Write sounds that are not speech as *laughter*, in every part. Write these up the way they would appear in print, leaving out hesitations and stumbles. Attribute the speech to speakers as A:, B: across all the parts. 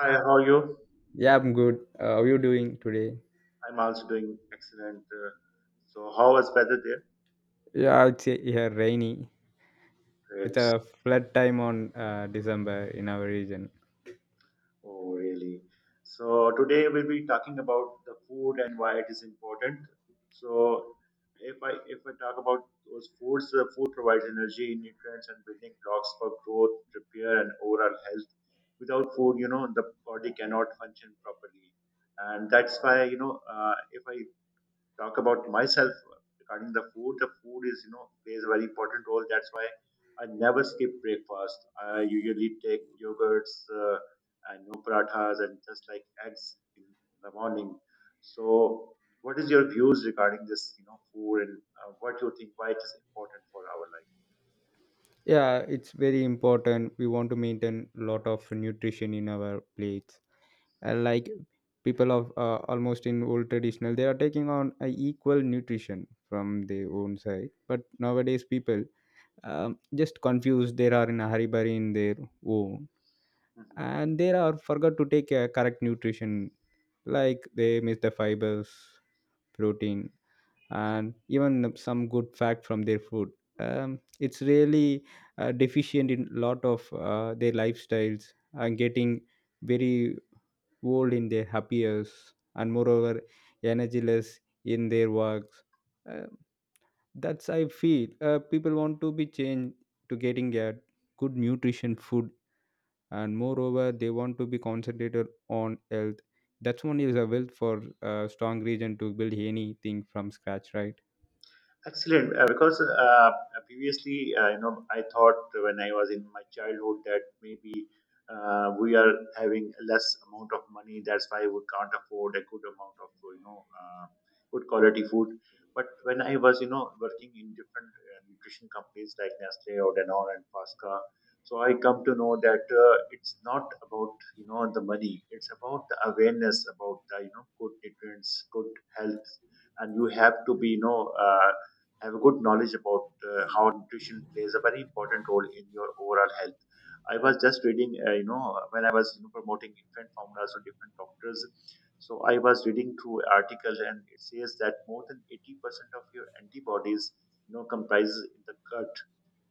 A: Hi, how are you?
B: Yeah, I'm good. How are you doing today?
A: I'm also doing excellent. So, how was weather there?
B: Yeah, it's here rainy. It's
A: Great.
B: a flood time on December in our region.
A: Oh, really? So, today we'll be talking about the food and why it is important. So, if I talk about those foods, the food provides energy, nutrients, and building blocks for growth, repair, and overall health. Without food, the body cannot function properly, and that's why if I talk about myself regarding the food is plays a very important role. That's why I never skip breakfast. I usually take yogurts and no parathas and just like eggs in the morning. So, what is your views regarding this? You know, food and what you think why it is important for our life?
B: Yeah, it's very important. We want to maintain lot of nutrition in our plates. And like people of almost in old traditional, they are taking on a equal nutrition from their own side. But nowadays, people just confused. They are in a hurry burry in their home,
A: Yeah. Mhm.
B: and they are forgot to take a correct nutrition like they miss the fibers, protein, and even some good fact from their food. It's really deficient in lot of their lifestyles and getting very old in their happy years and moreover energyless in their works. Uh, that's I feel people want to be changed to getting a good nutrition food, and moreover they want to be concentrated on health. That's one is a wealth for a strong region to build anything from scratch, right?
A: Excellent, because previously, I thought when I was in my childhood that maybe we are having less amount of money, that's why we can't afford a good amount of, good quality food. But when I was, working in different nutrition companies like Nestle or Danone and Pasca, so I come to know that it's not about, the money. It's about the awareness about the good nutrients, good health, and you have to be have a good knowledge about how nutrition plays a very important role in your overall health. I was just reading, when I was promoting infant formulas to different doctors. So I was reading through article and it says that more than 80% of your antibodies, comprises in the gut.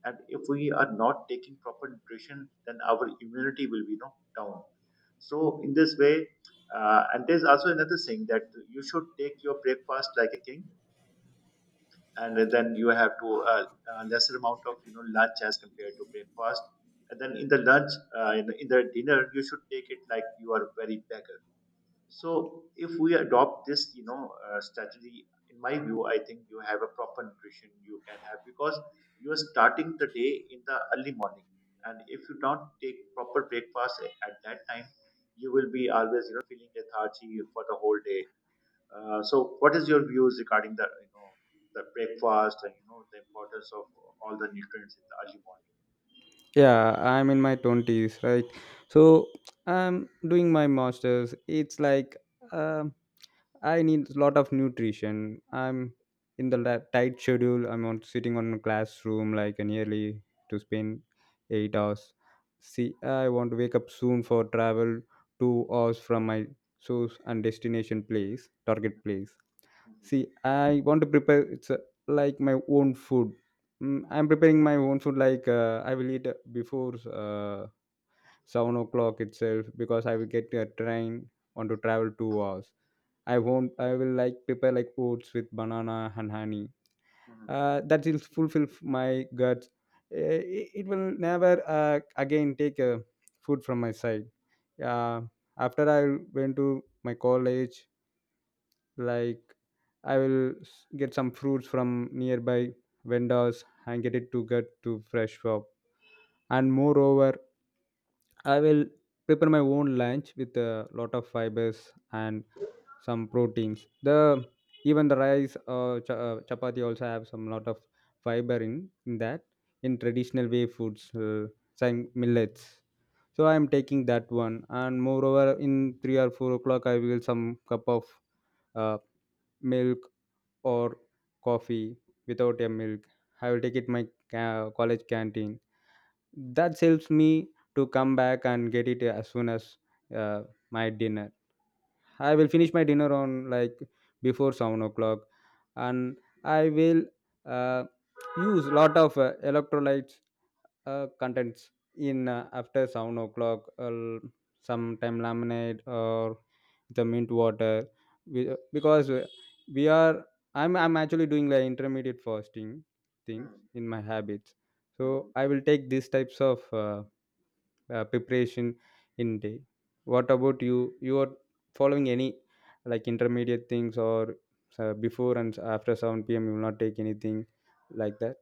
A: And if we are not taking proper nutrition, then our immunity will be, down. So in this way, and there's also another thing that you should take your breakfast like a king, and then you have to lesser amount of lunch as compared to breakfast, and then in the lunch in the dinner you should take it like you are very beggar. So if we adopt this strategy in my view I think you have a proper nutrition you can have because you are starting the day in the early morning, and if you don't take proper breakfast at that time, you will be always feeling lethargy for the whole day. So, what is your views regarding the the breakfast and the importance of all the nutrients in the early morning?
B: Yeah, I'm in my 20s, right? So I'm doing my masters. It's like um I need a lot of nutrition. I'm in the tight schedule. I'm on sitting on a classroom like nearly to spend 8 hours. See, I want to wake up soon for travel 2 hours from my source and destination place, target place. See, I want to prepare. It's like my own food. I'm preparing my own food. Like I will eat before 7 o'clock itself because I will get a train. Want to travel 2 hours. I won't I will like prepare like oats with banana and honey. That will fulfill my guts. It will never uh, again take food from my side uh, after I went to my college. Like I will get some fruits from nearby vendors and get it to get to fresh shop. And moreover I will prepare my own lunch with a lot of fibers and some proteins. The Even the rice chapati also have some lot of fiber in that, in traditional way foods, some millets. So I am taking that one, and moreover in 3 or 4 o'clock I will some cup of uh, milk or coffee without a milk. I will take it my college canteen. That helps me to come back and get it as soon as uh, my dinner. I will finish my dinner on like before 7 o'clock, and I will uh, use lot of electrolytes contents in after 7 o'clock. Sometime lemonade or the mint water, because we are. I'm actually doing like intermediate fasting
A: Mhm.
B: things
A: Mhm.
B: in my habits, so
A: Mhm.
B: I will take these types of. Preparation in day. What about You are following any like intermediate things, or before and after 7 p.m. you will not take anything like that?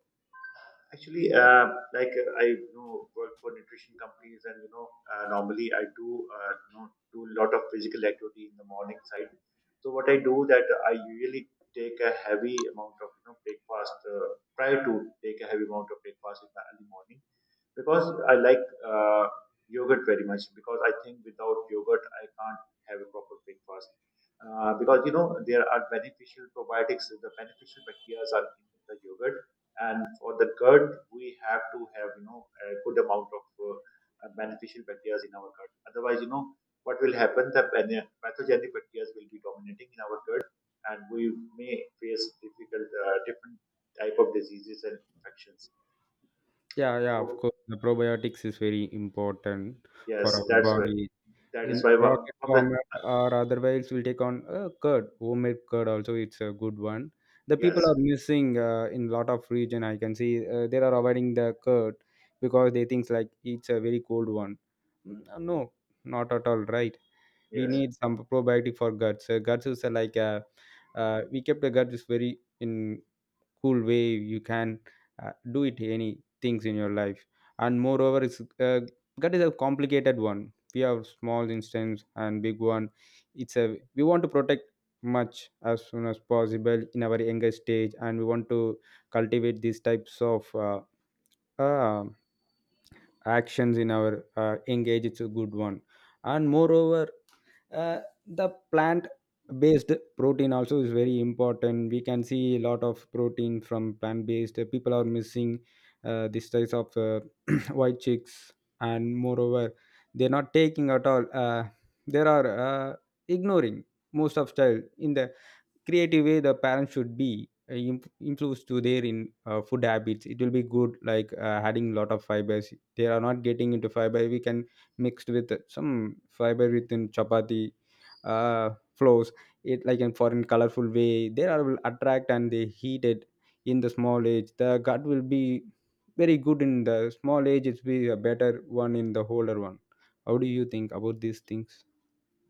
A: Actually, I work for nutrition companies, and normally I do you know do a lot of physical activity in the morning side. So what I do that I usually take a heavy amount of breakfast. Try to take a heavy amount of breakfast in the early morning because I like yogurt very much because I think without yogurt I can't have a proper breakfast. Because there are beneficial probiotics, the beneficial bacteria are in the yogurt, and for the gut we have to have a good amount of beneficial bacteria in our gut. Otherwise, you know what will happen? The pathogenic bacteria will be dominating in our gut, and we may face difficult different type of diseases and infections.
B: Yeah, yeah, of
A: So
B: course. The probiotics is very important
A: yes,
B: for our
A: that's why.
B: body
A: That is
B: in
A: why
B: rocket
A: from the
B: format. Or otherwise we'll take on curd, homemade curd also, it's a good one. The
A: yes,
B: people are missing in lot of region, I can see they are avoiding the curd because they think like it's a very cold one. Mm, no, not at all, right? We
A: yes,
B: need some probiotic for guts. Guts is like we kept the guts is very in cool way. You can do it any things in your life. And moreover it's that is a complicated one. We have small instance and big one. It's a We want to protect much as soon as possible in our younger stage, and we want to cultivate these types of uh, actions in our engage. It's a good one. And moreover uh, the plant based protein also is very important. We can see a lot of protein from plant based people are missing this types of *clears throat* white chicks. And moreover they're not taking at all. They are uh, ignoring most of style in the creative way. The parents should be influenced to their in food habits. It will be good like adding lot of fibers. They are not getting into fiber. We can mixed with some fiber within chapati, flows it like in foreign colorful way. They are will attract and they heat it in the small age. The gut will be very good in the small age. It's be a better one in the older one. How do you think about these things?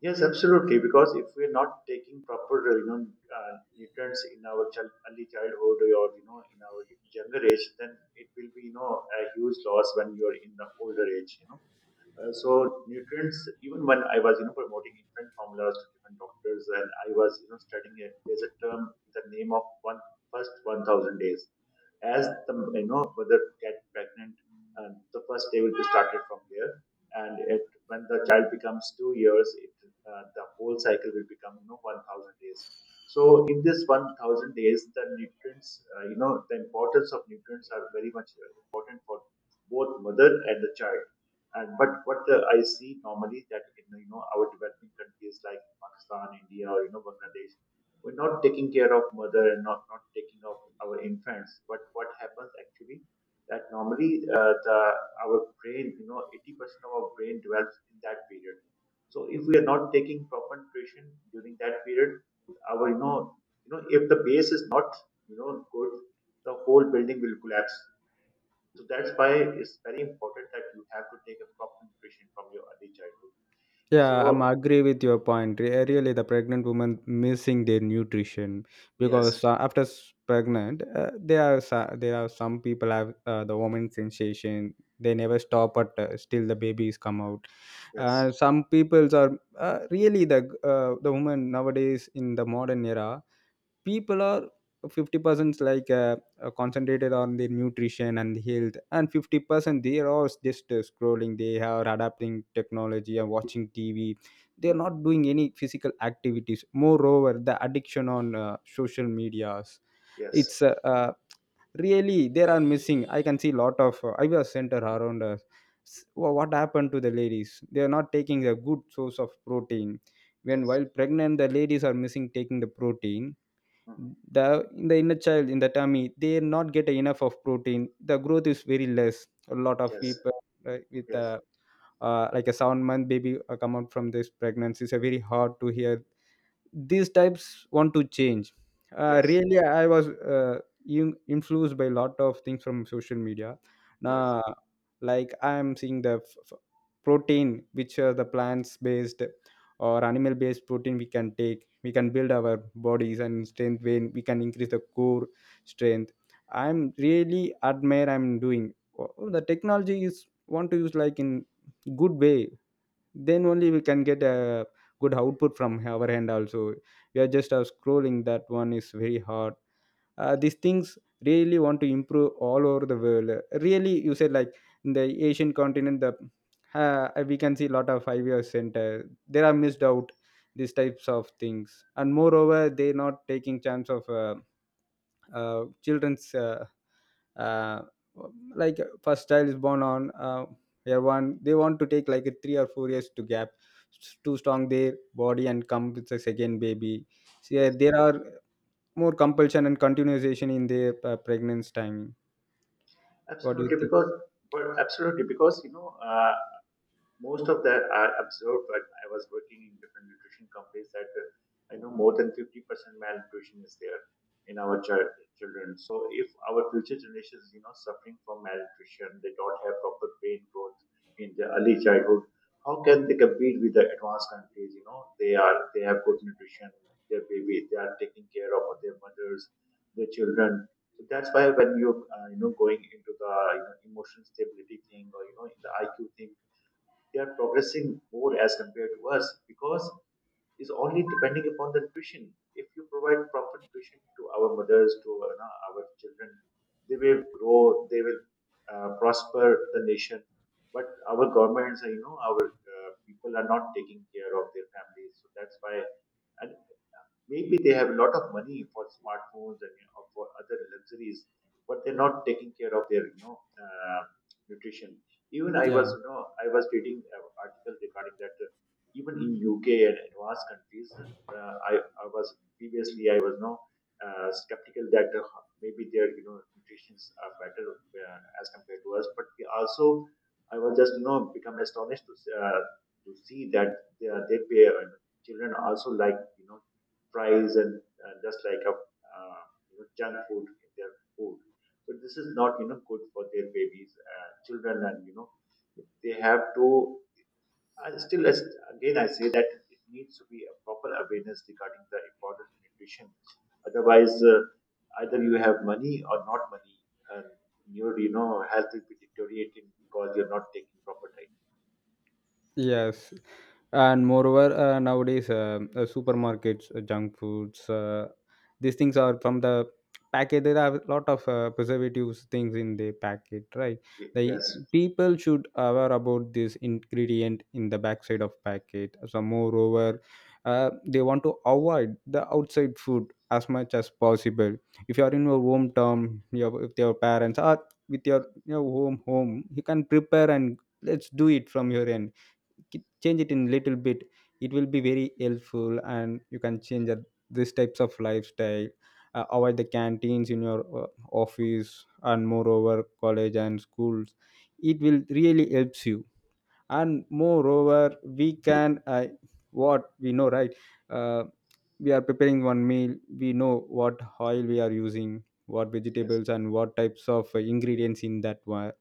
A: yes, absolutely. Because if we're not taking proper, nutrients in our child, early childhood or in our younger age, then it will be a huge loss when you are in the older age. So nutrients. Even when I was promoting infant formulas to different doctors, and I was studying it. There's a term with the name of one first 1,000 days. As the mother get pregnant, and the first day will be started from there, and it when the child becomes 2 years it the whole cycle will become 1,000 days. So in this 1,000 days the nutrients, the importance of nutrients are very much important for both mother and the child. And but what I see normally that in our developing countries like Pakistan, India, or Bangladesh, we're not taking care of mother and not taking of our infants. But what happens actually that normally the our brain 80% of our brain develops in that period. So if we are not taking proper nutrition during that period, our if the base is not good, the whole building will collapse. So that's why it's very important that you have to take a proper nutrition from your early childhood.
B: Yeah, I'm
A: So
B: agree with your point. Really, the pregnant women missing their nutrition
A: yes,
B: because after pregnant, there are there are some people have the woman sensation. They never stop at still the babies come out. Uh,
A: yes.
B: some peoples are really the woman nowadays in the modern era. People are 50% like concentrated on their nutrition and health, and 50% they are all just scrolling. They are adapting technology and watching tv. They are
A: Mhm.
B: not doing any physical activities. Moreover the addiction on social medias,
A: Yes,
B: it's really there are missing. I can see lot of ivs center around us. What happened to the ladies? They are not taking a good source of protein. When
A: yes.
B: while pregnant the ladies are missing taking the protein.
A: Mhm.
B: The in the inner child in the tummy, they not get enough of protein. The growth is very less. A lot of
A: Yes,
B: people with
A: yes,
B: like a 7 month baby come out from this pregnancy. It's a very hard to hear. These types want to change. uh,
A: yes,
B: really I was influenced by a lot of things from social media
A: yes,
B: now. Like I'm seeing the protein, which are the plants based or animal based protein. We can take. We can build our bodies and strength when we can increase the core strength. I'm really admire. I'm doing. Oh, the technology is want to use like in good way. Then only we can get a good output from our end also. We are just scrolling, that one is very hard. These things really want to improve all over the world. Really you said like in the asian continent, the we can see a lot of 5 year center, there are missed out these types of things. And moreover they're not taking chance of children's uh, like first child is born on year one. They want to take like a 3 or 4 years to gap to strong their body and come with the second baby. So yeah,
A: yes.
B: there are more compulsion and continuation in their pregnancy time. What do you
A: Absolutely,
B: think?
A: because But absolutely, because most of that I observed when I was working in different nutrition companies that I know more than 50% malnutrition is there in our child, children. So if our future generations, suffering from malnutrition, they don't have proper brain growth in their early childhood, how can they compete with the advanced countries? You know, they are they have good nutrition, their baby, they are taking care of their mothers, their children. So that's why when you you know going into the emotional stability thing or the IQ thing, they are progressing more as compared to us because it's only depending upon the nutrition. If you provide proper nutrition to our mothers, to our children, they will grow, they will prosper the nation. But our governments, our people are not taking care of their families. So that's why, and maybe they have a lot of money for smartphones and for other luxuries, but they're not taking care of their, nutrition. Even I was,
B: Yeah.
A: you know, I was reading an article regarding that. Even in UK and advanced countries, uh, I, I was previously I was no, skeptical that maybe their nutritions are better as compared to us. But we also I was just become astonished to to see that they, they pay, children also like fries and just like a junk food in their food. So this is not good for their babies, children, and they have to. I still, again, I say that it needs to be a proper awareness regarding the importance of nutrition. Otherwise, either you have money or not money, and your health will be deteriorating because you're not taking proper diet.
B: Yes, and moreover, nowadays supermarkets, junk foods, these things are from the packet. There are a lot of preservatives things in the packet, right? The
A: Yes,
B: people should aware about this ingredient in the backside of packet. So moreover, they want to avoid the outside food as much as possible. If you are in your hometown, your with your parents, or with your home home, you can prepare and let's do it from your end. Change it in little bit. It will be very helpful, and you can change these types of lifestyle. Avoid the canteens in your office and moreover college and schools. It will really helps you. And moreover we can what we know, right? Uh, we are preparing one meal. We know what oil we are using, what
A: yes,
B: vegetables and what types of ingredients in that one.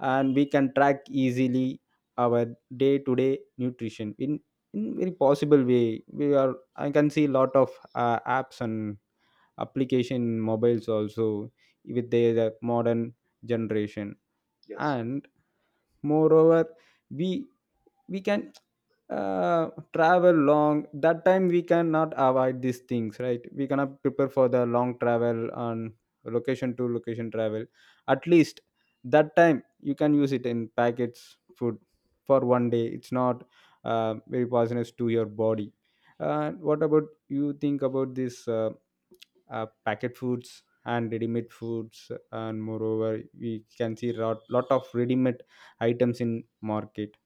B: And we can track easily our day to day nutrition in very possible way. We are. I can see lot of apps and application in mobiles also with their modern generation.
A: yes.
B: And moreover we we can travel long. That time we cannot avoid these things, right? We cannot prepare for the long travel on location to location travel. At least that time you can use it in packets food for one day. It's not very poisonous to your body. What about you think about this packet foods and ready-made foods? And moreover we can see lot of ready-made items in market.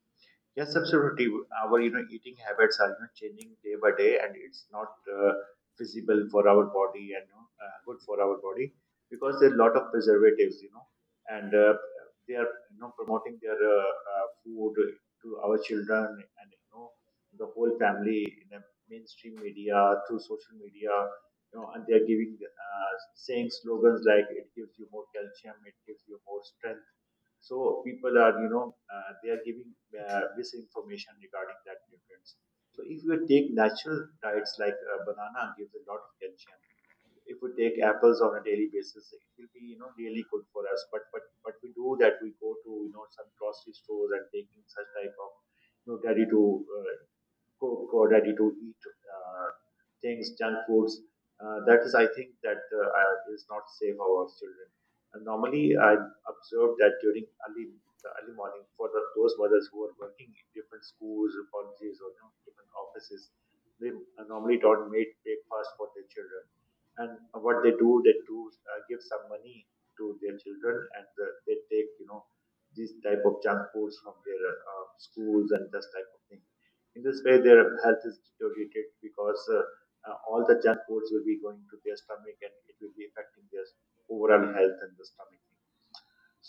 A: Yes, absolutely. Our eating habits are changing day by day, and it's not feasible for our body and good for our body because there are a lot of preservatives, and they are promoting their food to our children and the whole family in the mainstream media through social media, and they are giving saying slogans like "it gives you more calcium," "it gives you more strength." So people are they are giving misinformation regarding that nutrients. So if you take natural diets like banana gives a lot of calcium. If we take apples on a daily basis, it will be really good for us. But we do that we go to some grocery stores and taking such type of ready to cook or ready to eat things, junk foods. That is, I think, that is not safe for our children. And normally, I observed that during early the early morning for those mothers who are working in different schools or colleges or different offices, they normally don't make breakfast for their children. And what they do give some money to their children, and they take these type of junk foods from their schools and this type of thing. In this way, their health is deteriorated because all the junk foods will be going to their stomach and it will be affecting their overall health and the stomach thing.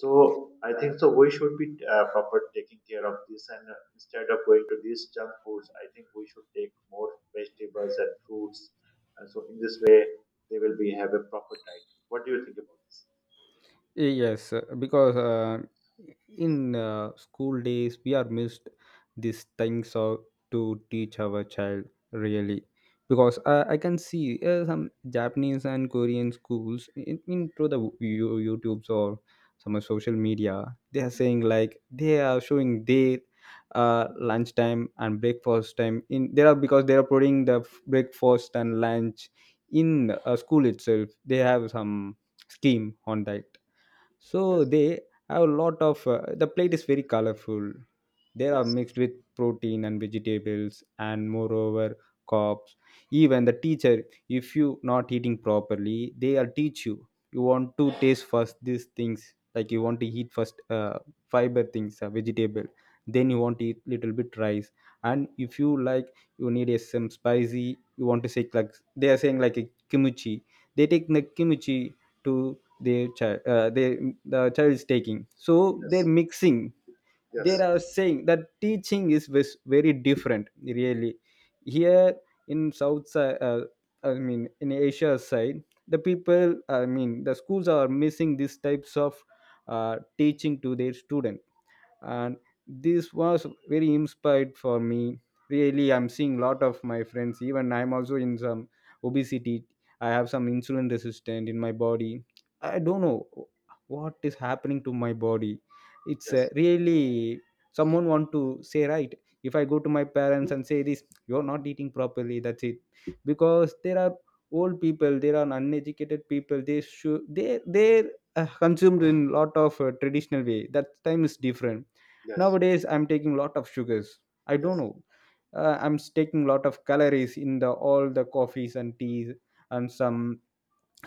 A: So I think so. We should be proper taking care of this, and instead of going to these junk foods, I think we should take more vegetables and fruits. And so in this way, they will be have a proper diet. What do you think about this?
B: Yes because in school days we are missed these things of to teach our child, really. Because I can see some Japanese and Korean schools, in through the YouTubes or some social media, they are saying like they are showing their lunchtime and breakfast time in there are because they are putting the breakfast and lunch in school itself. They have some scheme on that, so
A: Yes,
B: they have a lot of the plate is very colorful. They are
A: yes,
B: mixed with protein and vegetables and moreover carbs. Even the teacher, if you not eating properly, they are teach you. You want to taste first these things, like you want to eat first fiber things, vegetable. Then you want to eat little bit rice. And if you like, you need a, some spicy. You want to say like they are saying like a kimchi. They take the kimchi to their child they the child is taking so they're
A: yes,
B: mixing they
A: yes,
B: are saying that teaching is very different really here in south side I mean in Asia side, the people, I mean the schools are missing these types of teaching to their student. And this was very inspired for me. Really, I'm seeing lot of my friends, even I'm also in some obesity. I have some insulin resistant in my body. I don't know what is happening to my body. It's
A: yes,
B: really someone want to say, right? If I go to my parents and say this, you're not eating properly, that's it. Because there are old people, there are uneducated people, they should they they're consumed in lot of traditional way. That time is different.
A: yes,
B: Nowadays I'm taking lot of sugars, I
A: yes.
B: don't know. I'm taking lot of calories in the all the coffees and teas and some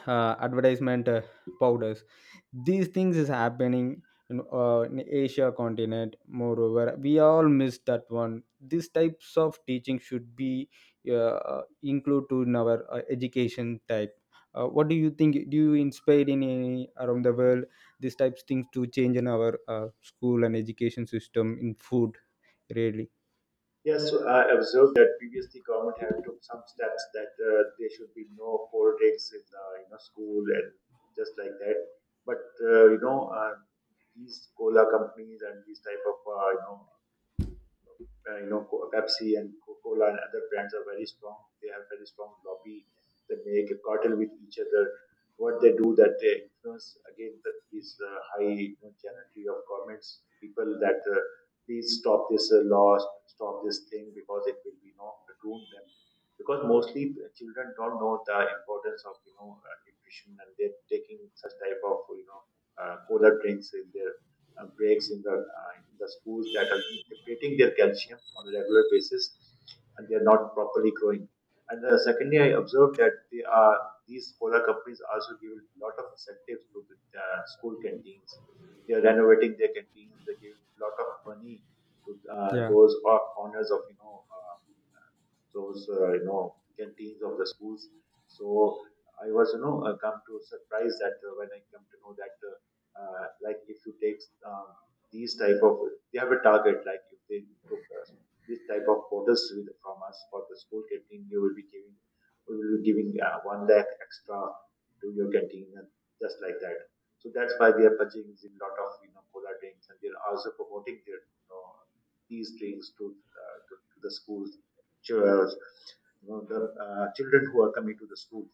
B: advertisement powders. These things is happening in Asia continent. Moreover we all miss that one. These types of teaching should be include to in our education type. Uh, what do you think? Do you inspire in any around the world these types things to change in our school and education system in food, really?
A: Yes, so I observed that previously government had took some steps that there should be no cold in you know school and just like that. But these cola companies and these type of uh, you know, Pepsi and Coca-Cola and other brands are very strong. They have very strong lobby. They make a cartel with each other. What they do that they influence again these high you know, generality of governments, people that please stop this law, stop this thing because it will be you know ruin them. Because mostly children don't know the importance of you know nutrition and they're taking such type of you know cola drinks in their breaks in the schools that are depleting their calcium on a regular basis, and they are not properly growing. And secondly, I observed that they are these cola companies also give a lot of incentives to the school canteens. They are renovating their canteens. They're giving a lot of money to
B: Yeah.
A: those owners of you know. So you know canteens of the schools. So I was you know come to surprise that when I come to know that like if you take um, these type of they have a target like if they took us this type of orders with, from us for the school canteen you will be giving we will be giving one lakh extra to your canteen and just like that. So that's why they are purchasing a lot of you know cola drinks and they are also promoting their you know these drinks to the schools ch- uh, you know, the children who are coming to the school.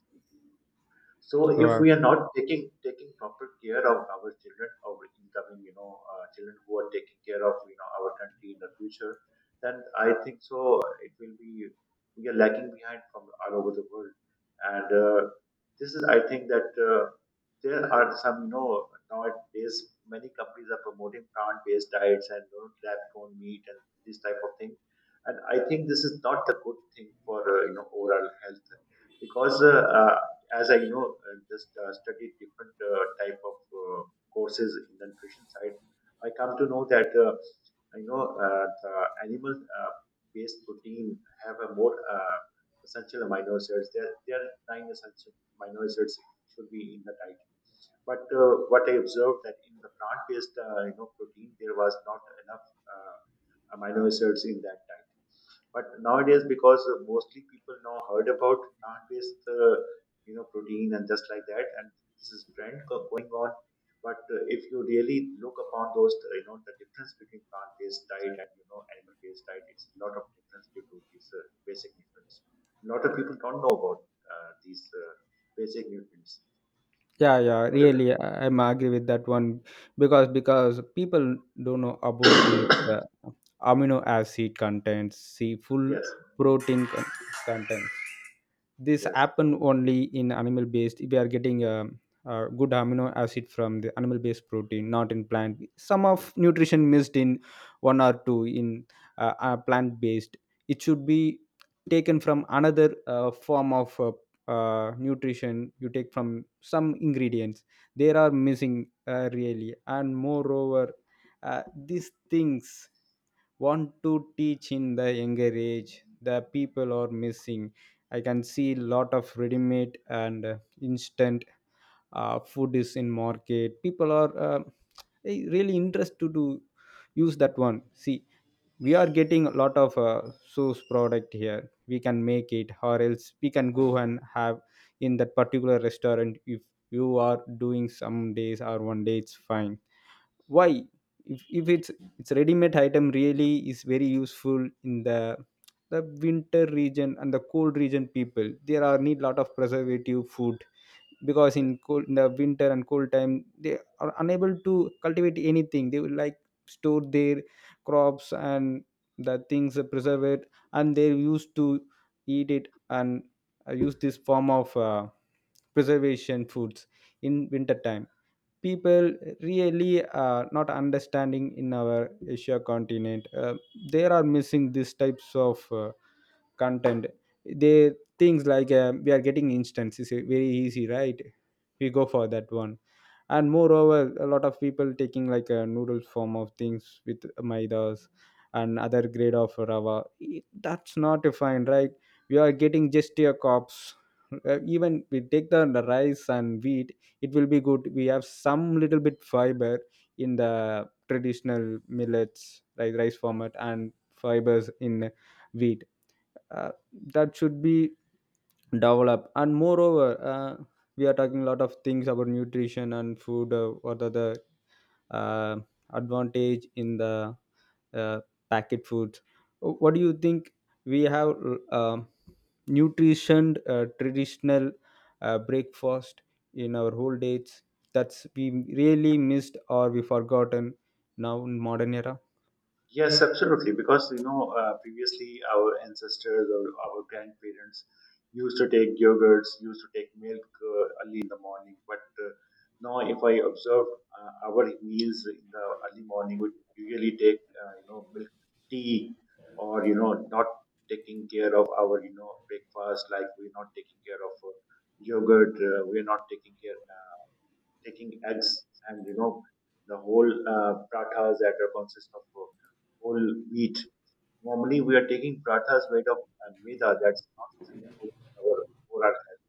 A: So if
B: Wow.
A: we are not taking proper care of our children, our incoming, you know, children who are taking care of you know our country in the future, then I think so it will be we are lagging behind from all over the world, and this is I think that there are some you know nowadays many companies are promoting plant based diets and you know, lab grown meat and this type of thing, and I think this is not a good thing for overall health because as I know, just studied different type of courses in the nutrition side. I come to know that I know the animal based protein have a more essential amino acids. There are nine essential amino acids should be in the diet. But what I observed that in the plant-based you know protein there was not enough uh, amino acids in that diet. But nowadays, because mostly people now heard about plant-based you know protein and just like that, and this is trend going on. But if you really look upon those, you know, the difference between plant-based diet and you know animal-based diet, it's a lot of difference due to these basic nutrients. A lot of people don't know about these basic nutrients.
B: Yeah, yeah,
A: Okay.
B: really, I'm agree with that one, because people don't know about this uh, amino acid content, see full
A: Yes.
B: protein content. This
A: Yes,
B: happen only in animal based. We are getting good amino acid from the animal based protein, not in plant. Some of nutrition missed in one or two in plant based. It should be taken from another form of nutrition. You take from some ingredients, there are missing really. And moreover these things want to teach in the younger age, the people are missing. I can see lot of ready made and instant food is in market. People are eh, really interested to use that one. See, we are getting a lot of source product here. We can make it, or else we can go and have in that particular restaurant. If you are doing some days or one day, it's fine. Why, if it's it's ready made item, really is very useful in the winter region and the cold region. People there are need lot of preservative food, because
A: yes,
B: in cold, in the winter and cold time, they are unable to cultivate anything. They will like store their crops and the things preserve, and they used to eat it and use this form of preservation foods in winter time. People really are not understanding in our Asia continent. They are missing these types of content. They things like we are getting instance is very easy, right? We go for that one. And moreover a lot of people taking like a noodle form of things with maidas and other grade of rava. That's not fine, right? We are getting just a cops. Even we take the rice and wheat, it will be good. We have some little bit fiber in the traditional millets like rice format, and fibers in wheat. Uh, that should be developed. And moreover we are talking a lot of things about nutrition and food. Uh, what are the uh, advantage in the uh, packet food? What do you think? We have uh, nutrition traditional breakfast in our whole dates. That's we really missed or we forgotten now in modern era.
A: yes, absolutely. Because you know, previously our ancestors or our grandparents used to take yogurts, used to take milk early in the morning. But now, if I observe our meals in the early morning, we usually take you know milk tea, or you know, not taking care of our you know breakfast. Like we're not taking care of yogurt, we're not taking care. Taking eggs and you know the whole prathas that are consist of whole wheat. Normally, we are taking prathas made of maida that's not really good for our health.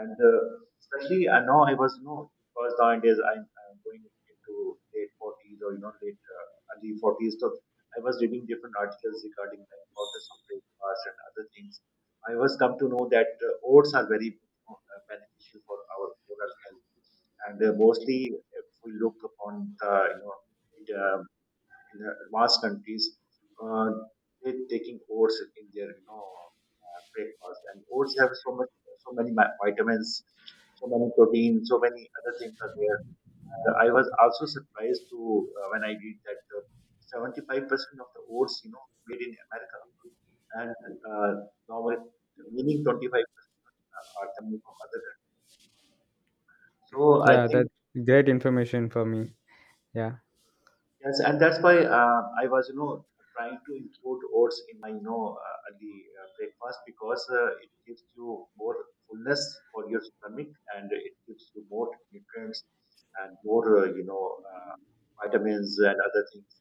A: And especially now, I was you know because nowadays I'm going into late 40s or you know late early 40s. So I was reading different articles regarding the importance of breakfast and other things. I was come to know that oats are very you know, beneficial for our oral health and mostly, if we look upon the you know in the, in the advanced countries, uh, they're taking oats in their you know breakfast, and oats have so much so many vitamins, so many proteins, so many other things are there. I was also surprised to when I read that 75% of the oats you know made in America and uh, normally the meaning 25% are coming from other countries. So I
B: Yeah,
A: think
B: that's great information for me. Yeah.
A: Yes, and that's why I was, you know, trying to include oats in my, you know, early breakfast because it gives you more fullness for your stomach and it gives you more nutrients and more, vitamins and other things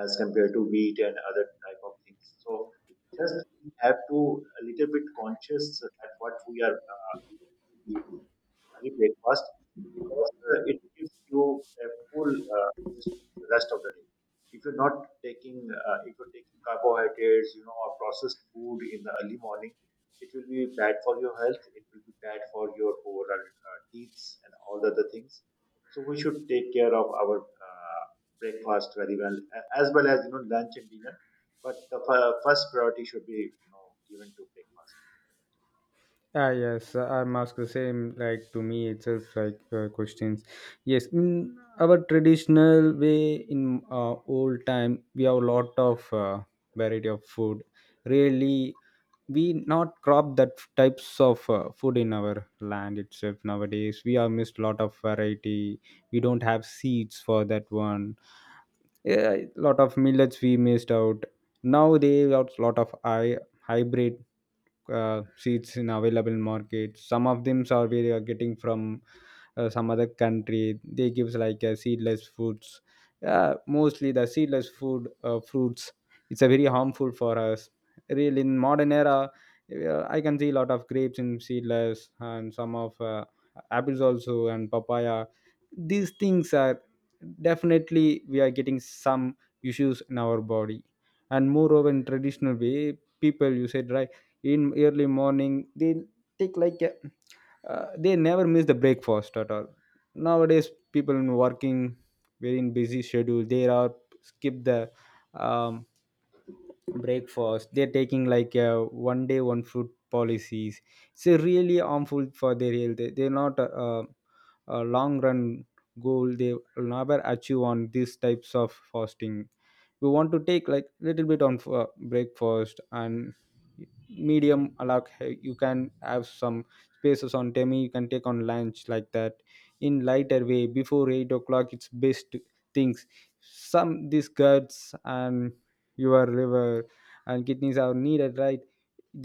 A: as compared to wheat and other type of things. So just we have to a little bit conscious at what we are eating early breakfast because it gives you a full uh, the rest of the day. If you're not taking, if you're taking carbohydrates, you know, or processed food in the early morning, it will be bad for your health. It will be bad for your overall teeth and all the other things. So we should take care of our breakfast very well, as well as you know lunch and dinner. But the first priority should be you know given to breakfast.
B: Ah, yes, I'm asked the same, like to me, itself like questions. Yes, in our traditional way, in old time, we have a lot of variety of food. Really, we not crop that types of food in our land itself nowadays. We have missed lot of variety. We don't have seeds for that one. Yeah, lot of millets we missed out. Now they got lot of hybrid seeds in available market. Some of them are we are getting from some other country. They gives like seedless foods. Mostly the seedless food fruits. It's a very harmful for us. Really, in modern era, I can see a lot of grapes in seedless and some of apples also and papaya. These things are definitely we are getting some issues in our body. And moreover, in traditional way, people, you said right, in early morning they take like a, they never miss the breakfast at all. Nowadays people in working very in busy schedule, they are skip the um, breakfast. They're taking like a one day one food policies. It's a really harmful for their health. They're not a long run goal they will never achieve on these types of fasting. We want to take like little bit on for breakfast and medium. Like you can have some spaces on tummy, you can take on lunch like that in lighter way. Before 8 o'clock it's best things. Some these guts and your liver and kidneys are needed, right?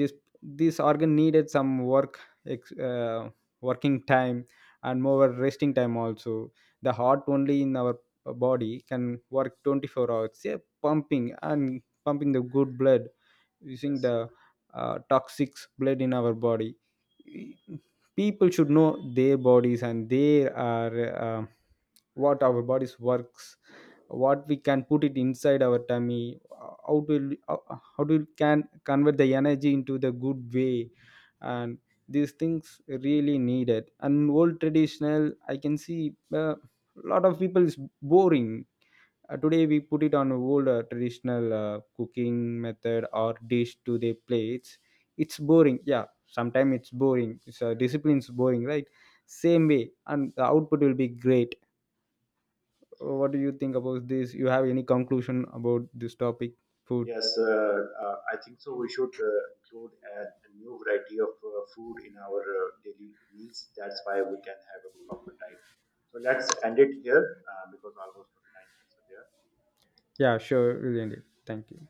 B: This this organ needed some work, ex- uh, working time and more resting time also. The heart only in our body can work 24 hours, yeah, pumping and pumping the good blood, using
A: Yes.
B: the toxic blood in our body. People should know their bodies and their are uh, what our bodies works, what we can put it inside our tummy, how to how how to can convert the energy into the good way. And these things really needed. And old traditional I can see a lot of people is boring. Uh, today we put it on old traditional cooking method or dish to their plates, it's boring, yeah. Sometimes it's boring, so discipline's boring, right? Same way and the output will be great. What do you think about this? You have any conclusion about this topic food?
A: Yes, I think so. We should include a new variety of food in our daily meals. That's why we can have a proper diet. So let's end it here because almost 29 minutes are there.
B: Yeah, sure, really, thank you.